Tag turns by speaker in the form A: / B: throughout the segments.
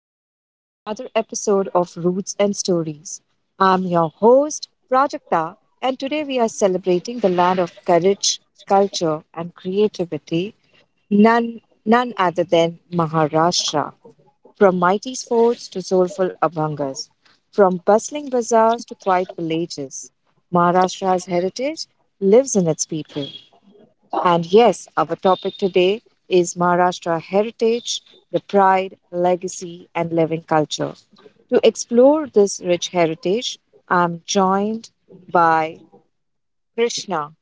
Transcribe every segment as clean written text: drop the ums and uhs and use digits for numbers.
A: and welcome to another episode of Roots and Stories. I'm your host, Prajakta, and today we are celebrating the land of courage, culture, and creativity, none other than Maharashtra. From mighty forts to soulful abhangas, from bustling bazaars to quiet villages, Maharashtra's heritage lives in its people. And yes, our topic today is Maharashtra heritage, the pride, legacy, and living culture. To explore this rich heritage, I'm joined by Krishna.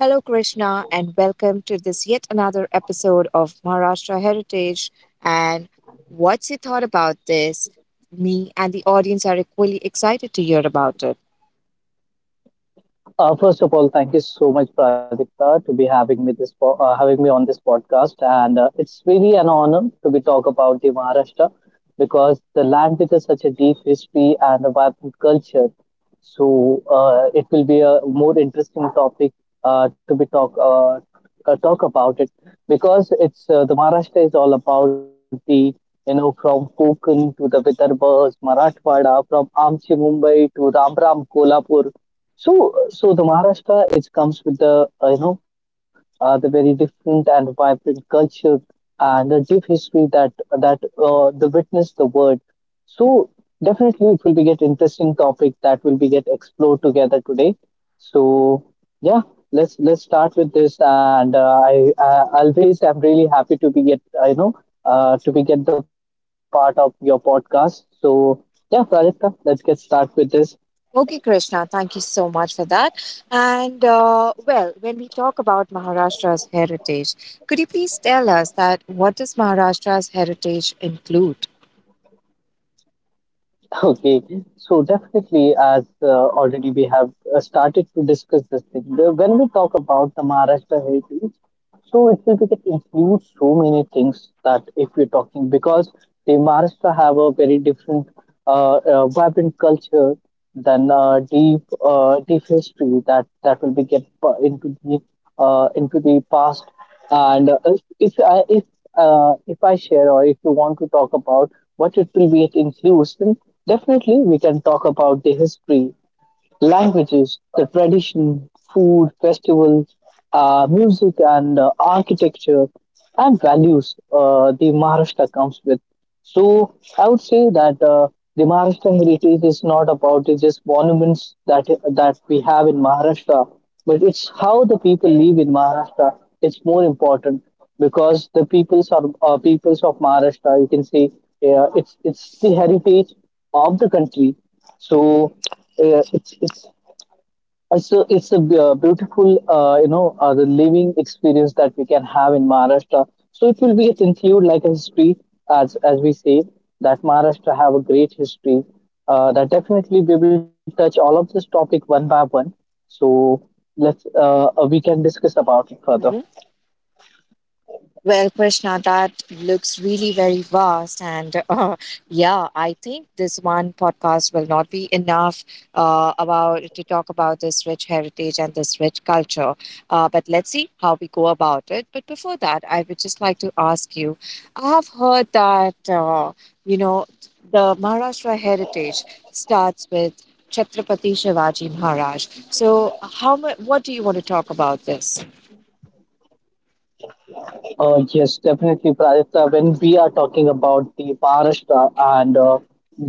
A: Hello, Krishna, and welcome to this yet another episode of Maharashtra Heritage. And what's your thought about this? Me and the audience are equally excited to hear about it.
B: First of all, thank you so much, Pradipta, to be having me having me on this podcast, and it's really an honor to be talk about the Maharashtra because the land with such a deep history and a vibrant culture. So it will be a more interesting topic to be talk talk about it because it's the Maharashtra is all about the from Konkan to the Vidarbhas, Marathwada, from Amchi Mumbai to Ram Ram Kolhapur, so the Maharashtra it comes with the the very different and vibrant culture and the deep history that the witness the world. So definitely it will be get interesting topic that will be get explored together today. So yeah, let's start with this, and I always am really happy to be get to be get the part of your podcast. So yeah, Prajakta, let's get start with this.
A: Okay, Krishna, thank you so much for that. And well, when we talk about Maharashtra's heritage, could you please tell us that what does Maharashtra's heritage include?
B: Okay, so definitely, as already we have started to discuss this thing, when we talk about the Maharashtra heritage, so it will be that includes so many things that if we're talking because the Maharashtra have a very different, vibrant culture than deep history that will be get into the past. And if I share or if you want to talk about what it will be it includes, then definitely we can talk about the history, languages, the tradition, food, festivals, music, and architecture and values the Maharashtra comes with. So I would say that the Maharashtra heritage is not about it's just monuments that we have in Maharashtra, but it's how the people live in Maharashtra. It's more important because the peoples are peoples of Maharashtra. You can say it's the heritage of the country, so uh, it's it's it's a b- beautiful the living experience that we can have in Maharashtra. So it will be it's include like a history, as we say that Maharashtra have a great history. That definitely we will touch all of this topic one by one. So let's we can discuss about it further.
A: Well, Krishna, that looks really very vast. And yeah, I think this one podcast will not be enough about to talk about this rich heritage and this rich culture. But let's see how we go about it. But before that, I would just like to ask you, I have heard that, you know, the Maharashtra heritage starts with Chhatrapati Shivaji Maharaj. So, what do you want to talk about this?
B: Yes, definitely, Pradipta. When we are talking about the Maharashtra, and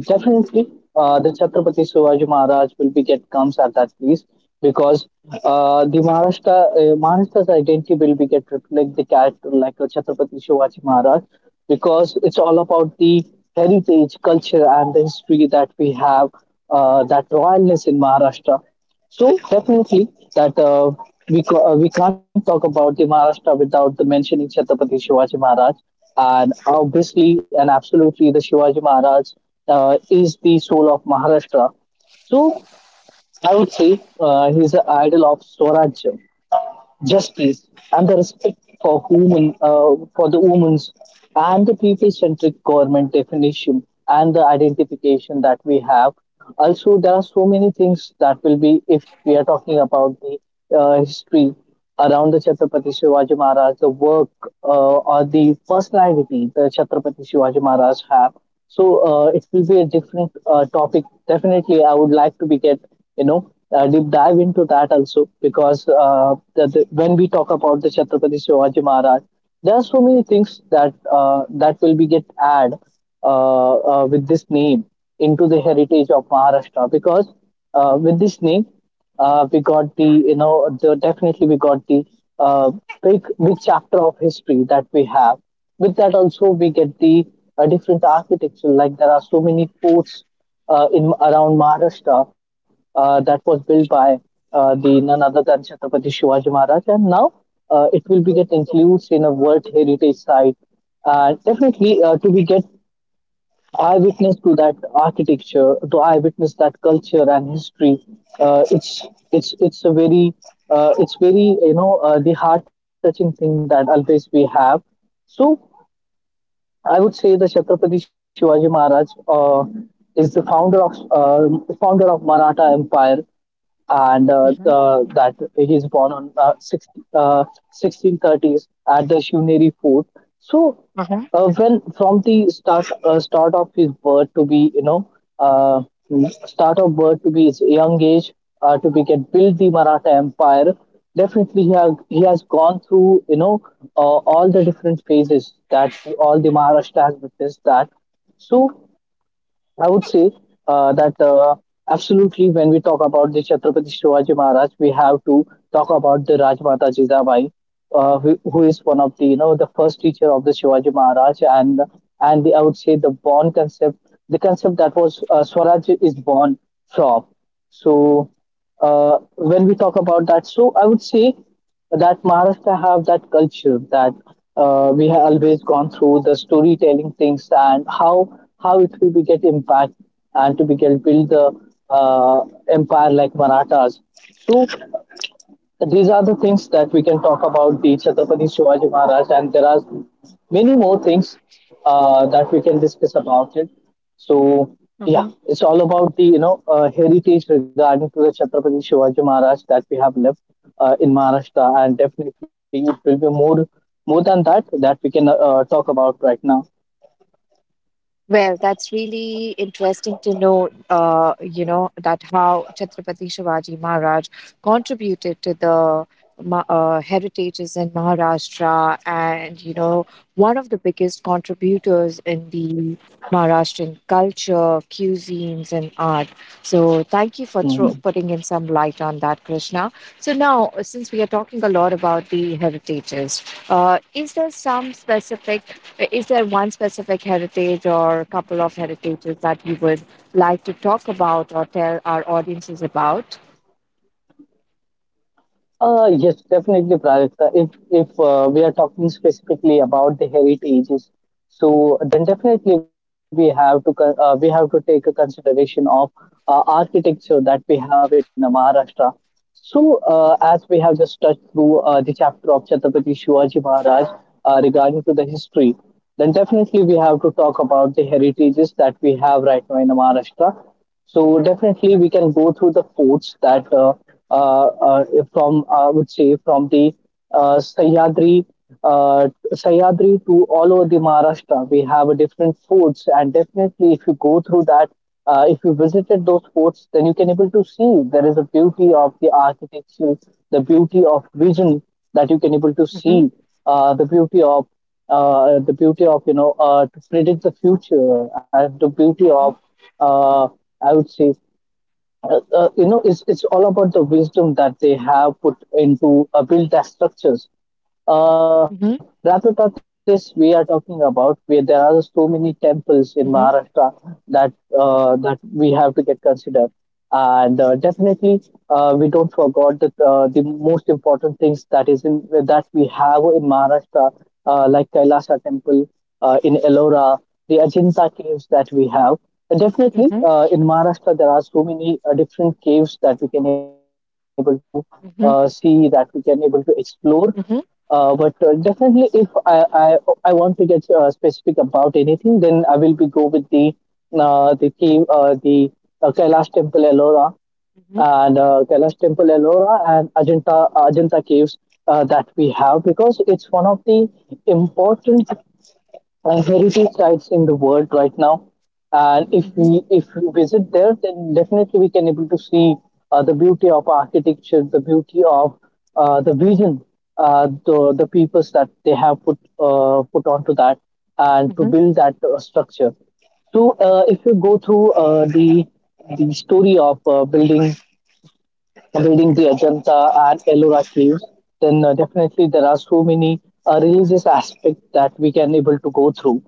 B: definitely the Chhatrapati Shivaji Maharaj will be get comes at that place because the Maharashtra Maharashtra's identity will be get reflect the character like a Chhatrapati Shivaji Maharaj because it's all about the heritage, culture, and the history that we have, that royalness in Maharashtra. So definitely that uh, we can't talk about the Maharashtra without the mentioning Chhatrapati Shivaji Maharaj, and obviously and absolutely the Shivaji Maharaj is the soul of Maharashtra. So I would say he's the idol of Swarajya, justice, and the respect for human for the women's, and the people-centric government definition and the identification that we have. Also, there are so many things that will be if we are talking about the history around the Chhatrapati Shivaji Maharaj, the work or the personality the Chhatrapati Shivaji Maharaj have. So it will be a different topic. Definitely, I would like to be get you know deep dive into that also because when we talk about the Chhatrapati Shivaji Maharaj, there are so many things that will be get add uh, with this name into the heritage of Maharashtra because with this name we got the definitely we got the uh, big big chapter of history that we have. With that also we get the different architecture like there are so many forts in around Maharashtra that was built by the none other than Chhatrapati Shivaji Maharaj, and now it will be get included in a World Heritage Site. And definitely, to be get eyewitness to that architecture, to eyewitness that culture and history, it's a very it's very the heart touching thing that always we have. So I would say the Chhatrapati Shivaji Maharaj is the founder of Maratha Empire, and
A: Mhm,
B: that he is born on 16, 1630s at the Shivneri fort. So,
A: mhm,
B: when from the start start of his birth to be uh, start of birth to be his young age to be get build the Maratha Empire. Definitely, he has gone through all the different phases that the, all the Maharashtra has witnessed that. So I would say that absolutely when we talk about the Chhatrapati Shivaji Maharaj, we have to talk about the Rajmata Jizabai, who is one of the the first teacher of the Shivaji Maharaj, and I would say the born concept, the concept that was Swaraj is born from. So when we talk about that, so I would say that Maharashtra have that culture that we have always gone through the storytelling things and how it will be get impact and to be get build the uh, empire like Marathas. So these are the things that we can talk about the Chhatrapati Shivaji Maharaj, and there are many more things that we can discuss about it. So yeah,
A: mhm.
B: it's all about the heritage regarding to the Chhatrapati Shivaji Maharaj that we have left in Maharashtra, and definitely it will be more than that that we can talk about right now.
A: Well, that's really interesting to know, you know, that how Chhatrapati Shivaji Maharaj contributed to the heritages in Maharashtra and, you know, one of the biggest contributors in the Maharashtrian culture, cuisines, and art. So, thank you for
B: Mhm.
A: putting in some light on that, Krishna. So, now, since we are talking a lot about the heritages, is there some specific is there one specific heritage or a couple of heritages that you would like to talk about or tell our audiences about?
B: Yes, definitely, Prajakta. If we are talking specifically about the heritages, so then definitely we have to we have to take a consideration of architecture that we have in Maharashtra. So, as we have just touched through the chapter of Chhatrapati Shivaji Maharaj regarding to the history, then definitely we have to talk about the heritages that we have right now in the Maharashtra. So, definitely we can go through the forts that uh, uh, from I would say from the uh, Sahyadri uh, Sahyadri to all over the Maharashtra. We have different forts, and definitely, if you go through that, if you visited those forts, then you can able to see there is a beauty of the architecture, the beauty of vision that you can able to
A: Mm-hmm.
B: see, uh, the beauty of the beauty of to predict the future and the beauty of
A: Mm-hmm.
B: uh, I would say it's all about the wisdom that they have put into build their structures,
A: Mm-hmm.
B: rather than this, we are talking about where there are so many temples in Maharashtra that that we have to get considered, and definitely we don't forget that the most important things that is in that we have in Maharashtra, like Kailasha temple in Ellora, the Ajanta caves that we have. And
A: Mm-hmm.
B: definitely in Maharashtra there are so many different caves that we can able to see
A: Mm-hmm. Mm-hmm.
B: that we can able to explore,
A: Mm-hmm.
B: but definitely, if I, I want to get specific about anything, then I will be go with the cave, the Kailash Temple Ellora
A: Mm-hmm.
B: and Kailash Temple Ellora and Ajanta caves that we have because it's one of the important heritage sites in the world right now. And if
A: Mm-hmm.
B: we if we visit there, then definitely we can able to see the beauty of architecture, the beauty of the vision, the peoples that they have put onto that and to
A: Mm-hmm.
B: build that structure. So if you go through the story of building the Ajanta and Ellora caves, then definitely there are so many religious aspects that we can able to go through.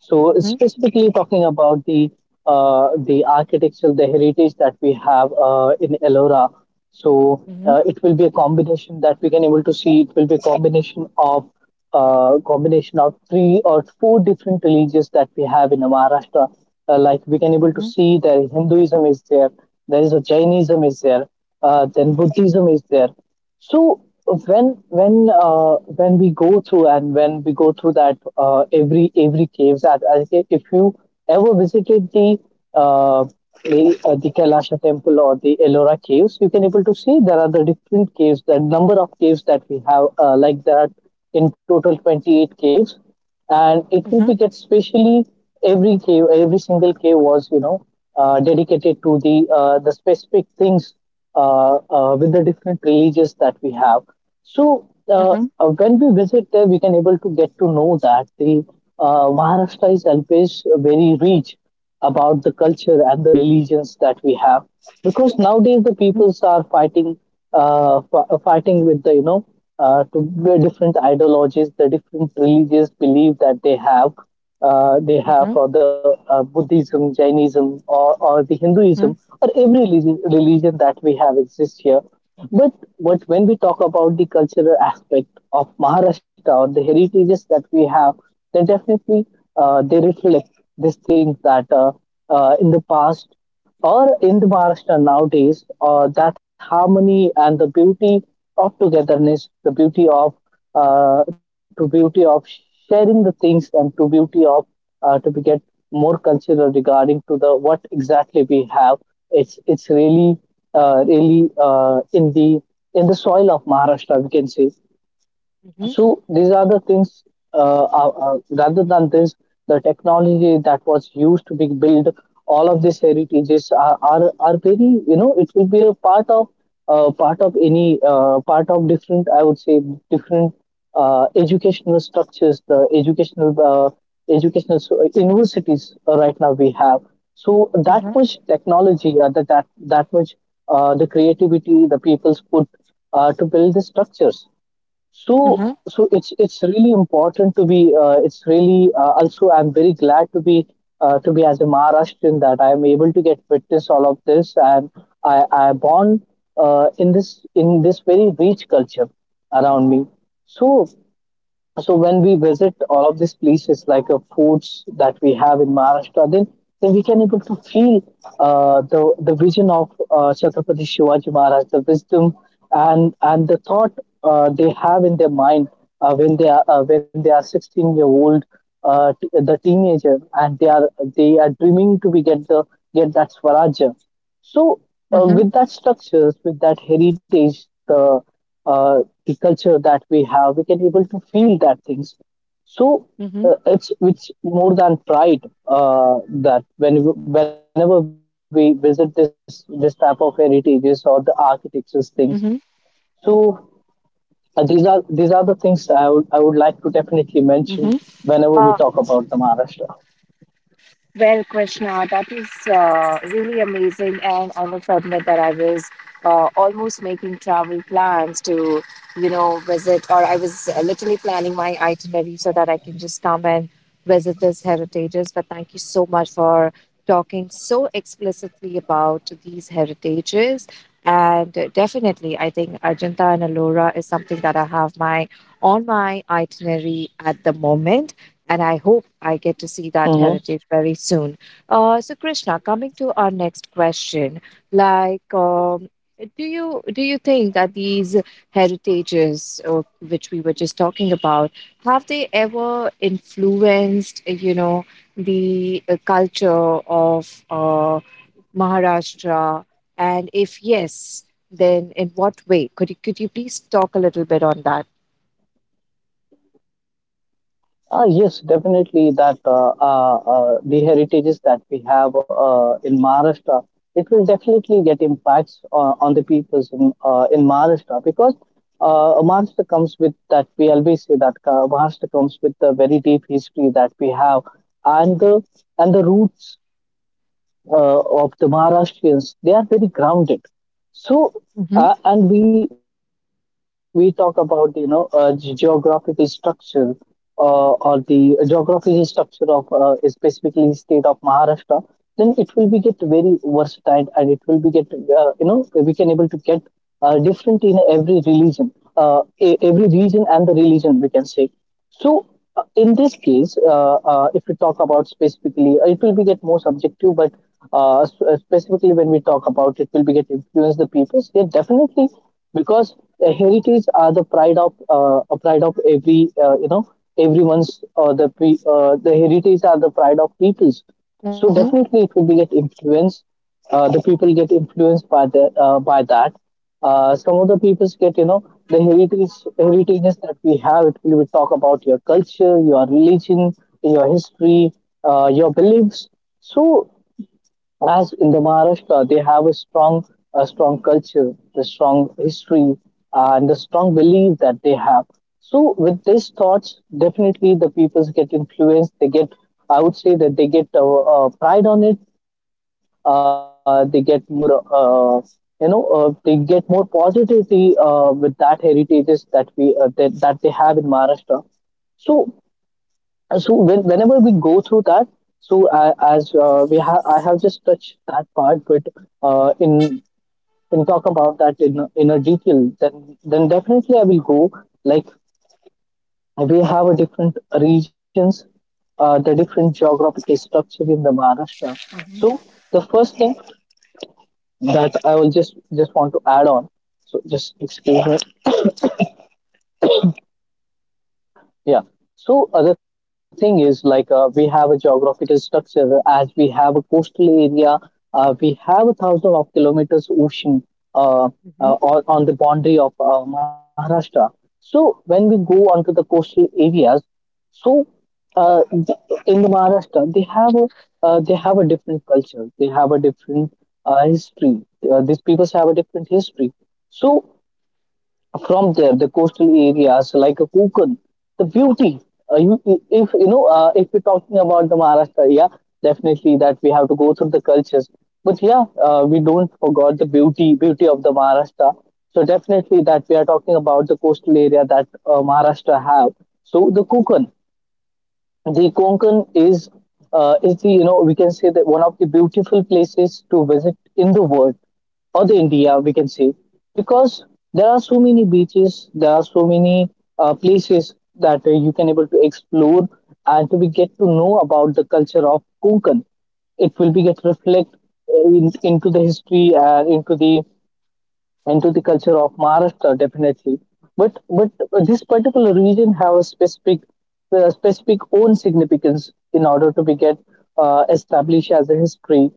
B: So
A: Mm-hmm. Mm-hmm.
B: specifically talking about the architecture, the heritage that we have in Ellora. So it will be a combination that we can able to see. It will be a combination of three or four different religions that we have in Maharashtra. Like we can able to
A: Mm-hmm.
B: see that Hinduism is there, there is a Jainism is there, then Buddhism is there. So when we go through, and when we go through that every caves that I say, if you ever visited the uh, the Kailasha temple or the Ellora caves, you can able to see there are the different caves, the number of caves that we have, like there are in total 28 caves, and it will
A: Mm-hmm.
B: be that specially every cave, every single cave was dedicated to the specific things with the different religions that we have. So
A: Mm-hmm. Mm-hmm.
B: when we visit there, we can able to get to know that the Maharashtra is always very rich about the culture and the religions that we have, because nowadays the
A: Mm-hmm.
B: peoples are fighting, fighting with the to the different ideologies, the different religious belief that they have, they
A: Mm-hmm. Mm-hmm.
B: have for the Buddhism, Jainism, or the
A: Mm-hmm.
B: Hinduism, or every religion that we have exists here, but when we talk about the cultural aspect of Maharashtra or the heritages that we have, then definitely they reflect these things that in the past or in the Maharashtra nowadays, that harmony and the beauty of togetherness, the beauty of to beauty of sharing the things, and to beauty of to be get more cultural regarding to the what exactly we have. It's really really in the soil of Maharashtra, we can say. So these are the things, rather than this, the technology that was used to be built, all of these heritages are very, you know, it will be a part of any, part of different, I would say, different educational structures, the educational, universities right now we have. So that
A: Mm-hmm.
B: much technology, that much the creativity the people's put to build the structures. So it's really important to be. It's really also. I'm very glad to be as a Maharashtrian, that I am able to get witness all of this, and I born in this very rich culture around me. So when we visit all of these places, like foods that we have in Maharashtra, then we can able to feel the vision of Chhatrapati Shivaji Maharaj, the wisdom and the thought they have in their mind when they are 16-year-old, the teenager, and they are dreaming to be get the get that Swarajya. So, with that structures, with that heritage, uh, the culture that we have, we can able to feel that things. So,
A: Mm-hmm.
B: it's more than pride that when whenever we visit this this type of heritages or the architectures things.
A: Mm-hmm.
B: So these are the things I would like to definitely mention
A: Mm-hmm.
B: whenever we talk about the Maharashtra.
A: Well, Krishna, that is really amazing, and I must admit that I was almost making travel plans to, you know, visit, or I was literally planning my itinerary so that I can just come and visit these heritages. But thank you so much for talking so explicitly about these heritages. And definitely, I think Arjunta and Alora is something that I have my on my itinerary at the moment, and I hope I get to see that heritage very soon. So, Krishna, coming to our next question, like, do you think that these heritages, or, which we were just talking about, have they ever influenced, you know, the culture of Maharashtra? And if yes, then in what way? Could you please talk a little bit on that?
B: Ah, yes, definitely that the heritages that we have in Maharashtra, it will definitely get impacts on the peoples in Maharashtra, because Maharashtra comes with that, we always say that Maharashtra comes with the very deep history that we have, and the, and the roots of the Maharashtrians, they are very grounded. So,
A: Mm-hmm,
B: and we talk about geographical structure or the geographical structure of specifically state of Maharashtra, then it will be get very versatile, and it will be get you know, we can able to get different in every religion, every region and the religion, we can say. So, in this case, if we talk about specifically, it will be get more subjective, but specifically when we talk about it, will be get influence the peoples. Yeah, definitely, because heritage are the pride of a pride of every you know, everyone's the heritage are the pride of peoples.
A: mm-hmm,
B: So definitely, it will be get influence the people get influenced by the by that. Some of the peoples get, you know, the heritages that we have. It will, we talk about your culture, your religion, your history, your beliefs. So as in the Maharashtra, they have a strong culture, the strong history, and the strong belief that they have. So with these thoughts, definitely the people get influenced. They get, I would say that they get pride on it. They get more, they get more positivity with that heritages that that they have in Maharashtra. So when, whenever we go through that, so as we have, I have just touched that part, but uh, in in talk about that in a detail, then definitely I will go. Like we have a different regions, the different geographical structure in the Maharashtra.
A: mm-hmm.
B: So the first thing that I will just want to add on. So just excuse me. Yeah. So other thing is like, we have a geographical structure, as we have a coastal area. We have a thousand of kilometers ocean uh, on the boundary of Maharashtra. So when we go onto the coastal areas, so uh, th- in the Maharashtra they have a different culture. They have a different history. These peoples have a different history. So from there the coastal areas like a Konkan, the beauty. If you know, if we're talking about the Maharashtra, yeah, definitely that we have to go through the cultures. But yeah, we don't forgot the beauty of the Maharashtra. So definitely that we are talking about the coastal area that Maharashtra have. So the Konkan, the Konkan is is the, you know, we can say that one of the beautiful places to visit in the world or the India, we can say, because there are so many beaches, there are so many places that you can able to explore and to be get to know about the culture of Konkan. It will be get reflect into the history and into the and to the culture of Maharashtra, definitely. But this particular region have a specific specific own significance in order to be get established as a history.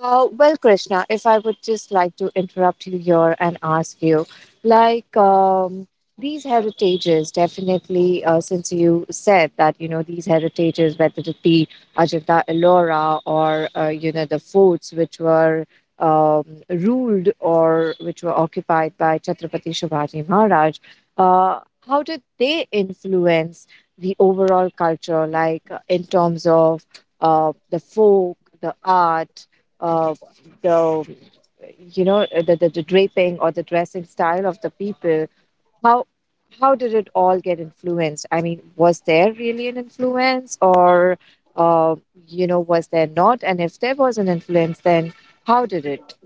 A: Well, Krishna, if I would just like to interrupt you here and ask you, like these heritages, definitely, since you said that, you know, these heritages, whether it be Ajanta Ellora or, you know, the forts which were um, ruled or which were occupied by Chhatrapati Shivaji Maharaj, uh, how did they influence the overall culture, like in terms of the folk, the art? uh, the you know the draping or the dressing style of the people, how how did it all get influenced? I mean, was there really an influence or uh, you know, was there not? And if there was an influence, then how did it?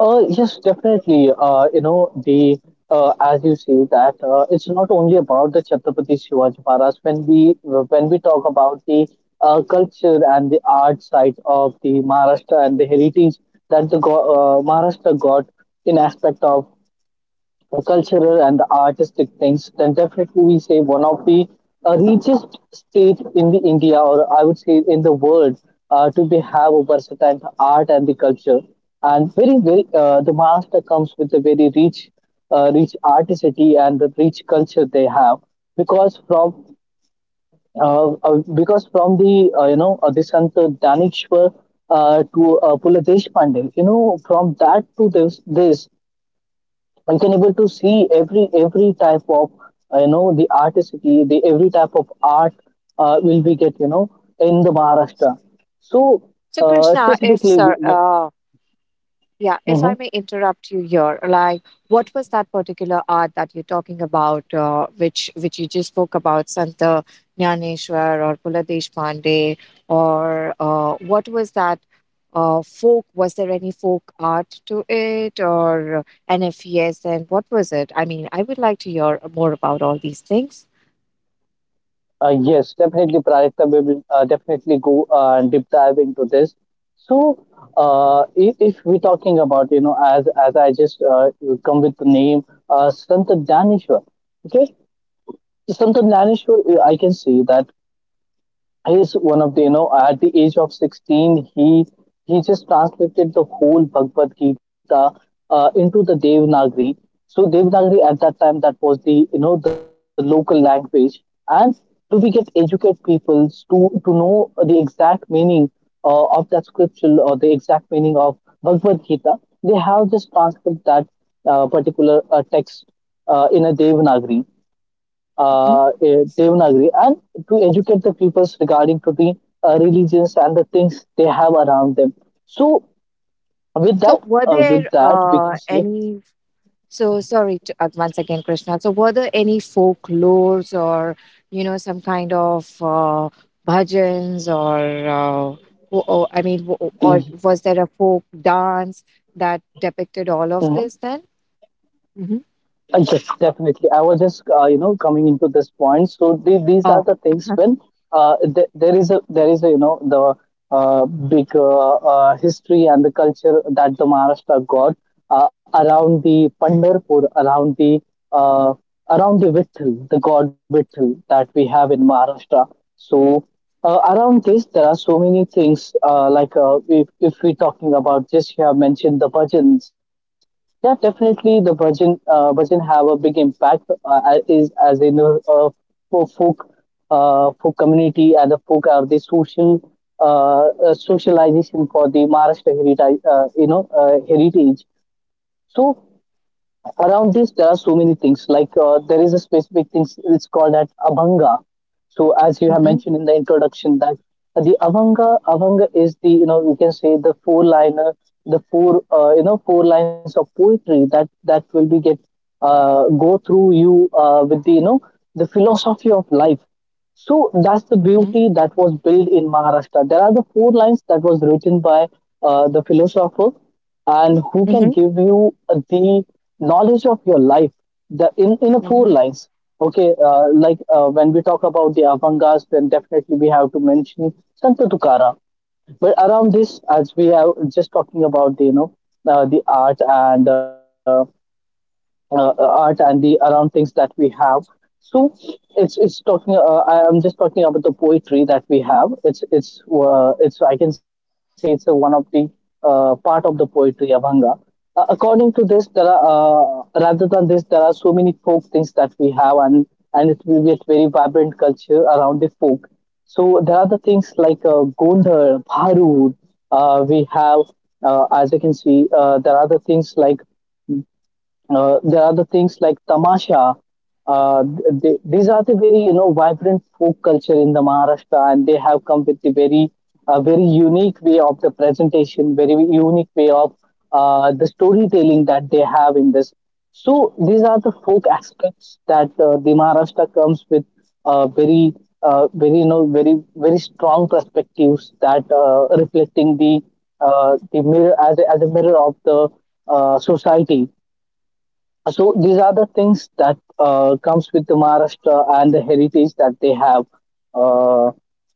B: Yes, definitely. You know the as you see that it's not only about the Chhatrapati Shivaji Maharaj. When we talk about the culture and the art side of the Maharashtra and the heritage that Maharashtra got in aspect of cultural and artistic things, then definitely we say one of the richest state in the India, or I would say in the world, to be have a versatile art and the culture. And very very the master comes with a very rich artistry and the rich culture they have, because from because from the the Sant Danishwar to Pula Deshpande, you know, from that to this I can able to see every type of you know, the artistry, the every type of art will be get, you know, in the Maharashtra. So
A: So krishna if
B: specifically, we,
A: sir
B: we,
A: Yeah, if I
B: Mhm.
A: may interrupt you here, like what was that particular art that you're talking about, which you just spoke about, Santa Nyaneshwar or Pula Pandey, or what was that folk? Was there any folk art to it, or and if yes, then what was it? I mean, I would like to hear more about all these things.
B: Yes, definitely, Prajakta, we will definitely go and deep dive into this. So if we're talking about, you know, as I just come with the name Sant Danishwar, okay, Sant Danishwar, I can see that he's one of the, you know, at the age of 16 he just translated the whole Bhagavad Gita into the Devanagari. So Devanagari at that time, that was the, you know, the local language, and to we get educate people to know the exact meaning of that scripture, or the exact meaning of Bhagavad Gita, they have just transcribed that particular text in a
A: Mhm.
B: Devanagari, and to educate the peoples regarding to the religions and the things they have around them. So with that,
A: So, were there
B: we can say,
A: any, so sorry to, once again, Krishna. So were there any folklores or you know some kind of bhajans, or uh, or I mean, or
B: Mhm.
A: was there a folk dance that depicted all of this? Then, hmm.
B: Yes, definitely. I was just, you know, coming into this point. So these are
A: Oh,
B: the things.
A: uh-huh.
B: When there is a you know, the big history and the culture that the Maharashtra got around the Pandharpur, uh, around the Vitthal, the god Vitthal that we have in Maharashtra. So around this, there are so many things. Like, if we're talking about just you have mentioned the bhajans, yeah, definitely the bhajan have a big impact as- is as in a for folk folk community, and the folk are the social, socialization for the Maharashtra heritage, heritage. So around this there are so many things. Like, there is a specific thing, it's called that abhanga. So as you have
A: Hmm.
B: mentioned in the introduction that the avanga, is, the you know you can say, the four liner, the four, four lines of poetry that will be get, go through you with the you know the philosophy of life. So that's the
A: Hmm.
B: beauty that was built in Maharashtra. There are the four lines that was written by the philosopher, and who can
A: Hmm.
B: give you the knowledge of your life, the in a four
A: Hmm.
B: lines. Okay. Like, when we talk about the avangas, then definitely we have to mention Santa Tukara. But around this, as we are just talking about the, you know, the art and art and the around things that we have. So it's talking. I am just talking about the poetry that we have. It's, I can say, it's a one of the part of the poetry, Abhanga. According to this, there are, rather than this, there are so many folk things that we have, and it will be a very vibrant culture around the folk. So there are the things like Gondhar, Bharud. We have, as you can see, there are the things like there are the things like tamasha. These are the very, you know, vibrant folk culture in the Maharashtra, and they have come with the very, a very unique way of the presentation, very unique way of the storytelling that they have in this. So these are the folk aspects that the Maharashtra comes with, uh, very very, you know, very very strong perspectives that reflecting the mirror as a mirror of the society. So these are the things that comes with the Maharashtra and the heritage that they have, uh,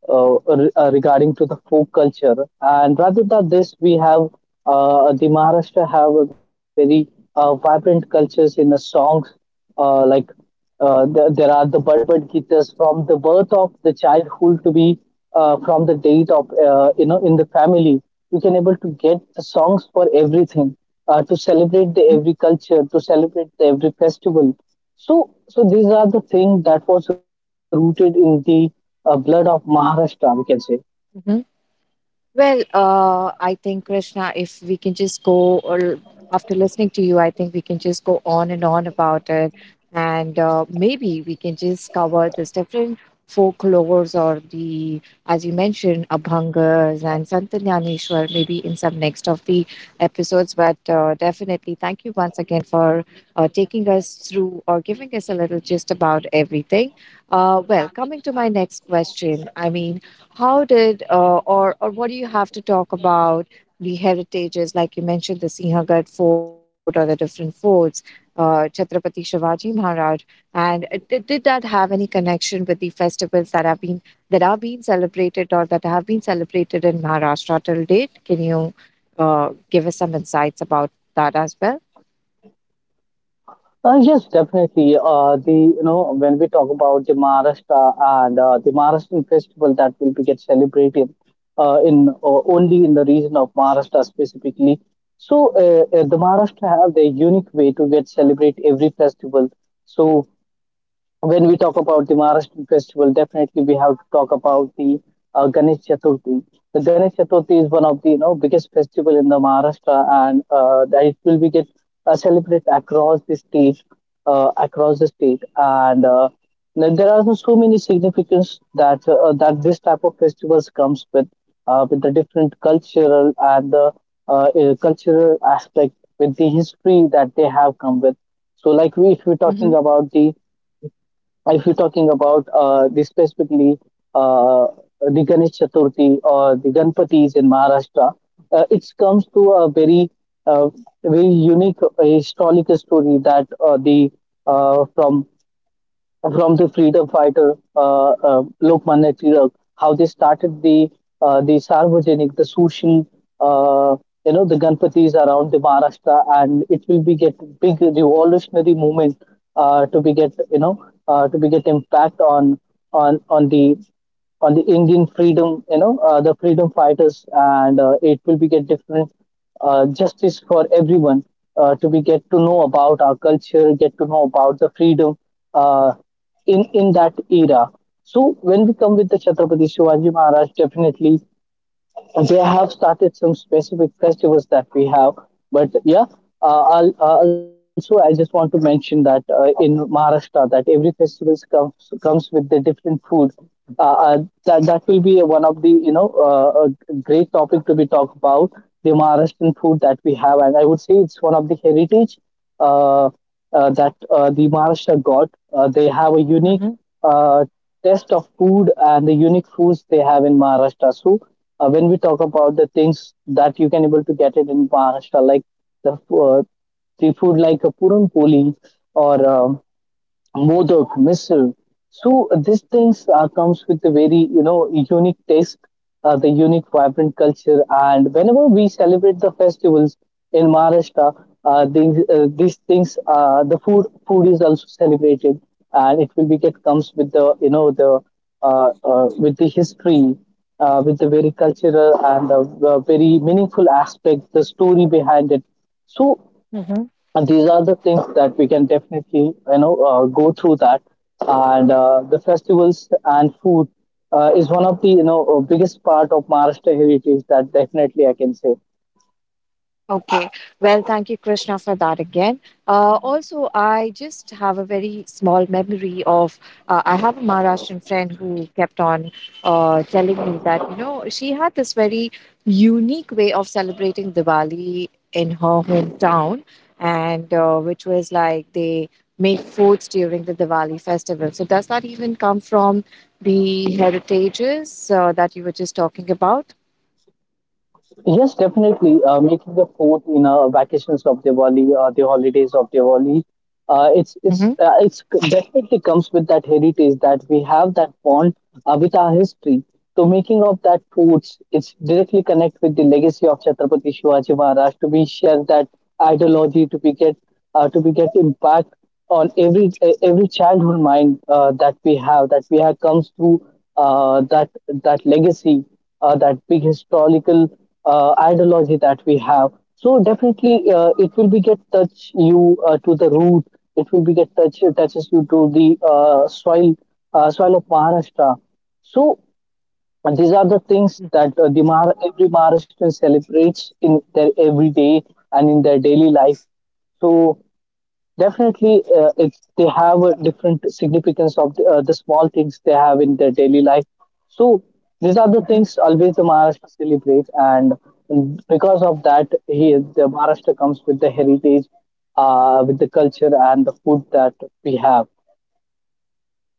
B: regarding to the folk culture. And rather than this, we have the Maharashtra have a very vibrant cultures in the songs, like, there are the Bud Bud Gitas from the birth of the childhood to be, from the date of, you know, in the family. You can able to get the songs for everything, to celebrate the every culture, to celebrate the every festival. So so these are the things that was rooted in the blood of Maharashtra, we can say.
A: Hmm. Well, I think Krishna, if we can just go, or after listening to you, I think we can just go on and on about it, and maybe we can just cover this different folklores or the, as you mentioned, Abhangas and Santanyaneshwar, maybe in some next of the episodes. But definitely, thank you once again for taking us through or giving us a little gist about everything. Well, coming to my next question, I mean, how did or what do you have to talk about the heritages like you mentioned the Sinhagad fort or the different forts Chhatrapati Shivaji Maharaj, and did that have any connection with the festivals that have been, that are being celebrated or that have been celebrated in Maharashtra till date? Can you give us some insights about that as well?
B: Yes, definitely. The you know When we talk about the Maharashtra and the Maharashtrian festival that will be get celebrated in only in the region of Maharashtra specifically. So the Maharashtra have their unique way to get celebrate every festival. So when we talk about the Maharashtrian festival, definitely we have to talk about the Ganesh Chaturthi. The Ganesh Chaturthi is one of the, you know, biggest festival in the Maharashtra, and that it will be get celebrated across the state, and then there are also so many significance that that this type of festivals comes with the different cultural and the cultural aspect with the history that they have come with. So, like we, if we're talking
A: Hmm.
B: about the, if you're talking about the specifically uh, the Ganesh Chaturthi or the Ganpatis in Maharashtra, it comes to a very uh, very unique historical story that the uh, from from the freedom fighter, Lokmanya Tilak, how they started the Sarvajanik, the social, uh, you know, the Ganpatis around the Maharashtra, and it will be get big revolutionary movement to be get, you know, to be get impact on on the on the Indian freedom, you know, the freedom fighters, and it will be get different justice for everyone, to be get to know about our culture, get to know about the freedom uh, in that era. So when we come with the Chhatrapati Shivaji Maharaj, definitely they have started some specific festivals that we have, but yeah, also I just want to mention that in Maharashtra that every festival comes with the different food, uh, uh, that, that will be one of the, you know, a great topic to be talked about, the Maharashtrian food that we have. And I would say it's one of the heritage uh, that the Maharashtra got. They have a unique uh, taste of food and the unique foods they have in Maharashtra. So when we talk about the things that you can able to get it in Maharashtra, like the uh, the food like a puran poli or Modak, misal. So these things comes with a very, you know, unique taste, the unique vibrant culture, and whenever we celebrate the festivals in Maharashtra, these these things, the food is also celebrated, and it will be get comes with the, you know, the with the history, with the very cultural and the very meaningful aspect, the story behind it. So and these are the things that we can definitely, you know, go through that. And the festivals and food is one of the, you know, biggest part of Maharashtra heritage, that definitely I can say.
A: Okay. Well, thank you, Krishna, for that again. Also, I just have a very small memory of, I have a Maharashtrian friend who kept on telling me that, you know, she had this very unique way of celebrating Diwali in her hometown, and which was like they make foods during the Diwali festival. So, does that even come from the heritages that you were just talking about?
B: Yes, definitely. Making the food in vacations of Diwali, the holidays of Diwali,
A: Mm-hmm.
B: definitely comes with that heritage that we have, that bond with our history. So making of that foods, it's directly connect with the legacy of Chhatrapati Shivaji Maharaj, to be share that ideology to be get impact on every, eh, every childhood mind that we have, that we have comes through uh, that that legacy, that big historical ideology that we have. So definitely it will be get touch you to the root, it will be get touches you to the soil, soil of Maharashtra. So and these are the things that every Maharashtrian celebrates in their everyday and in their daily life. So definitely, it's they have a different significance of the small things they have in their daily life. So these are the things always the Maharashtra celebrates, and because of that, he the Maharashtra comes with the heritage, with the culture and the food that we have.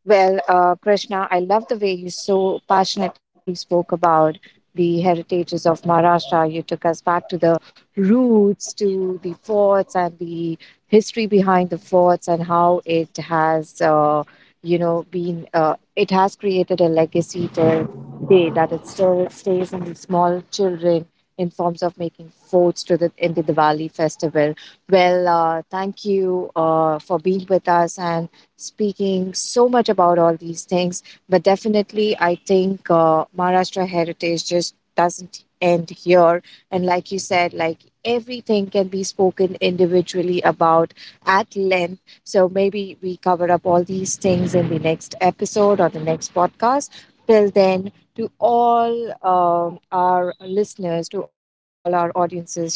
A: Well, Krishna, I love the way you so passionately spoke about the heritages of Maharashtra. You took us back to the roots, to the forts, and the history behind the forts, and how it has, you know, been. It has created a legacy till day that it still stays in the small children in forms of making forts to the in the Diwali festival. Well, thank you for being with us and speaking so much about all these things. But definitely, I think Maharashtra heritage just doesn't end here. And like you said, like everything can be spoken individually about at length. So maybe we cover up all these things in the next episode or the next podcast. Till then, to all our listeners, to all our audiences here,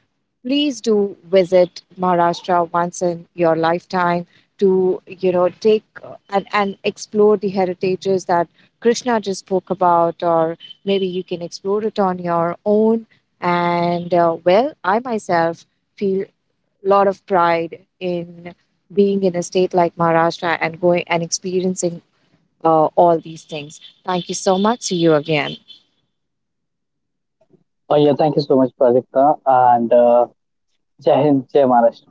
A: please do visit Maharashtra once in your lifetime to you know take and explore the heritages that Krishna just spoke about, or maybe you can explore it on your own. And well, I myself feel a lot of pride in being in a state like Maharashtra and going and experiencing all these things. Thank you so much. See you again.
B: Oh yeah, thank you so much, Prajakta, and Jai Hind, Jai Maharashtra.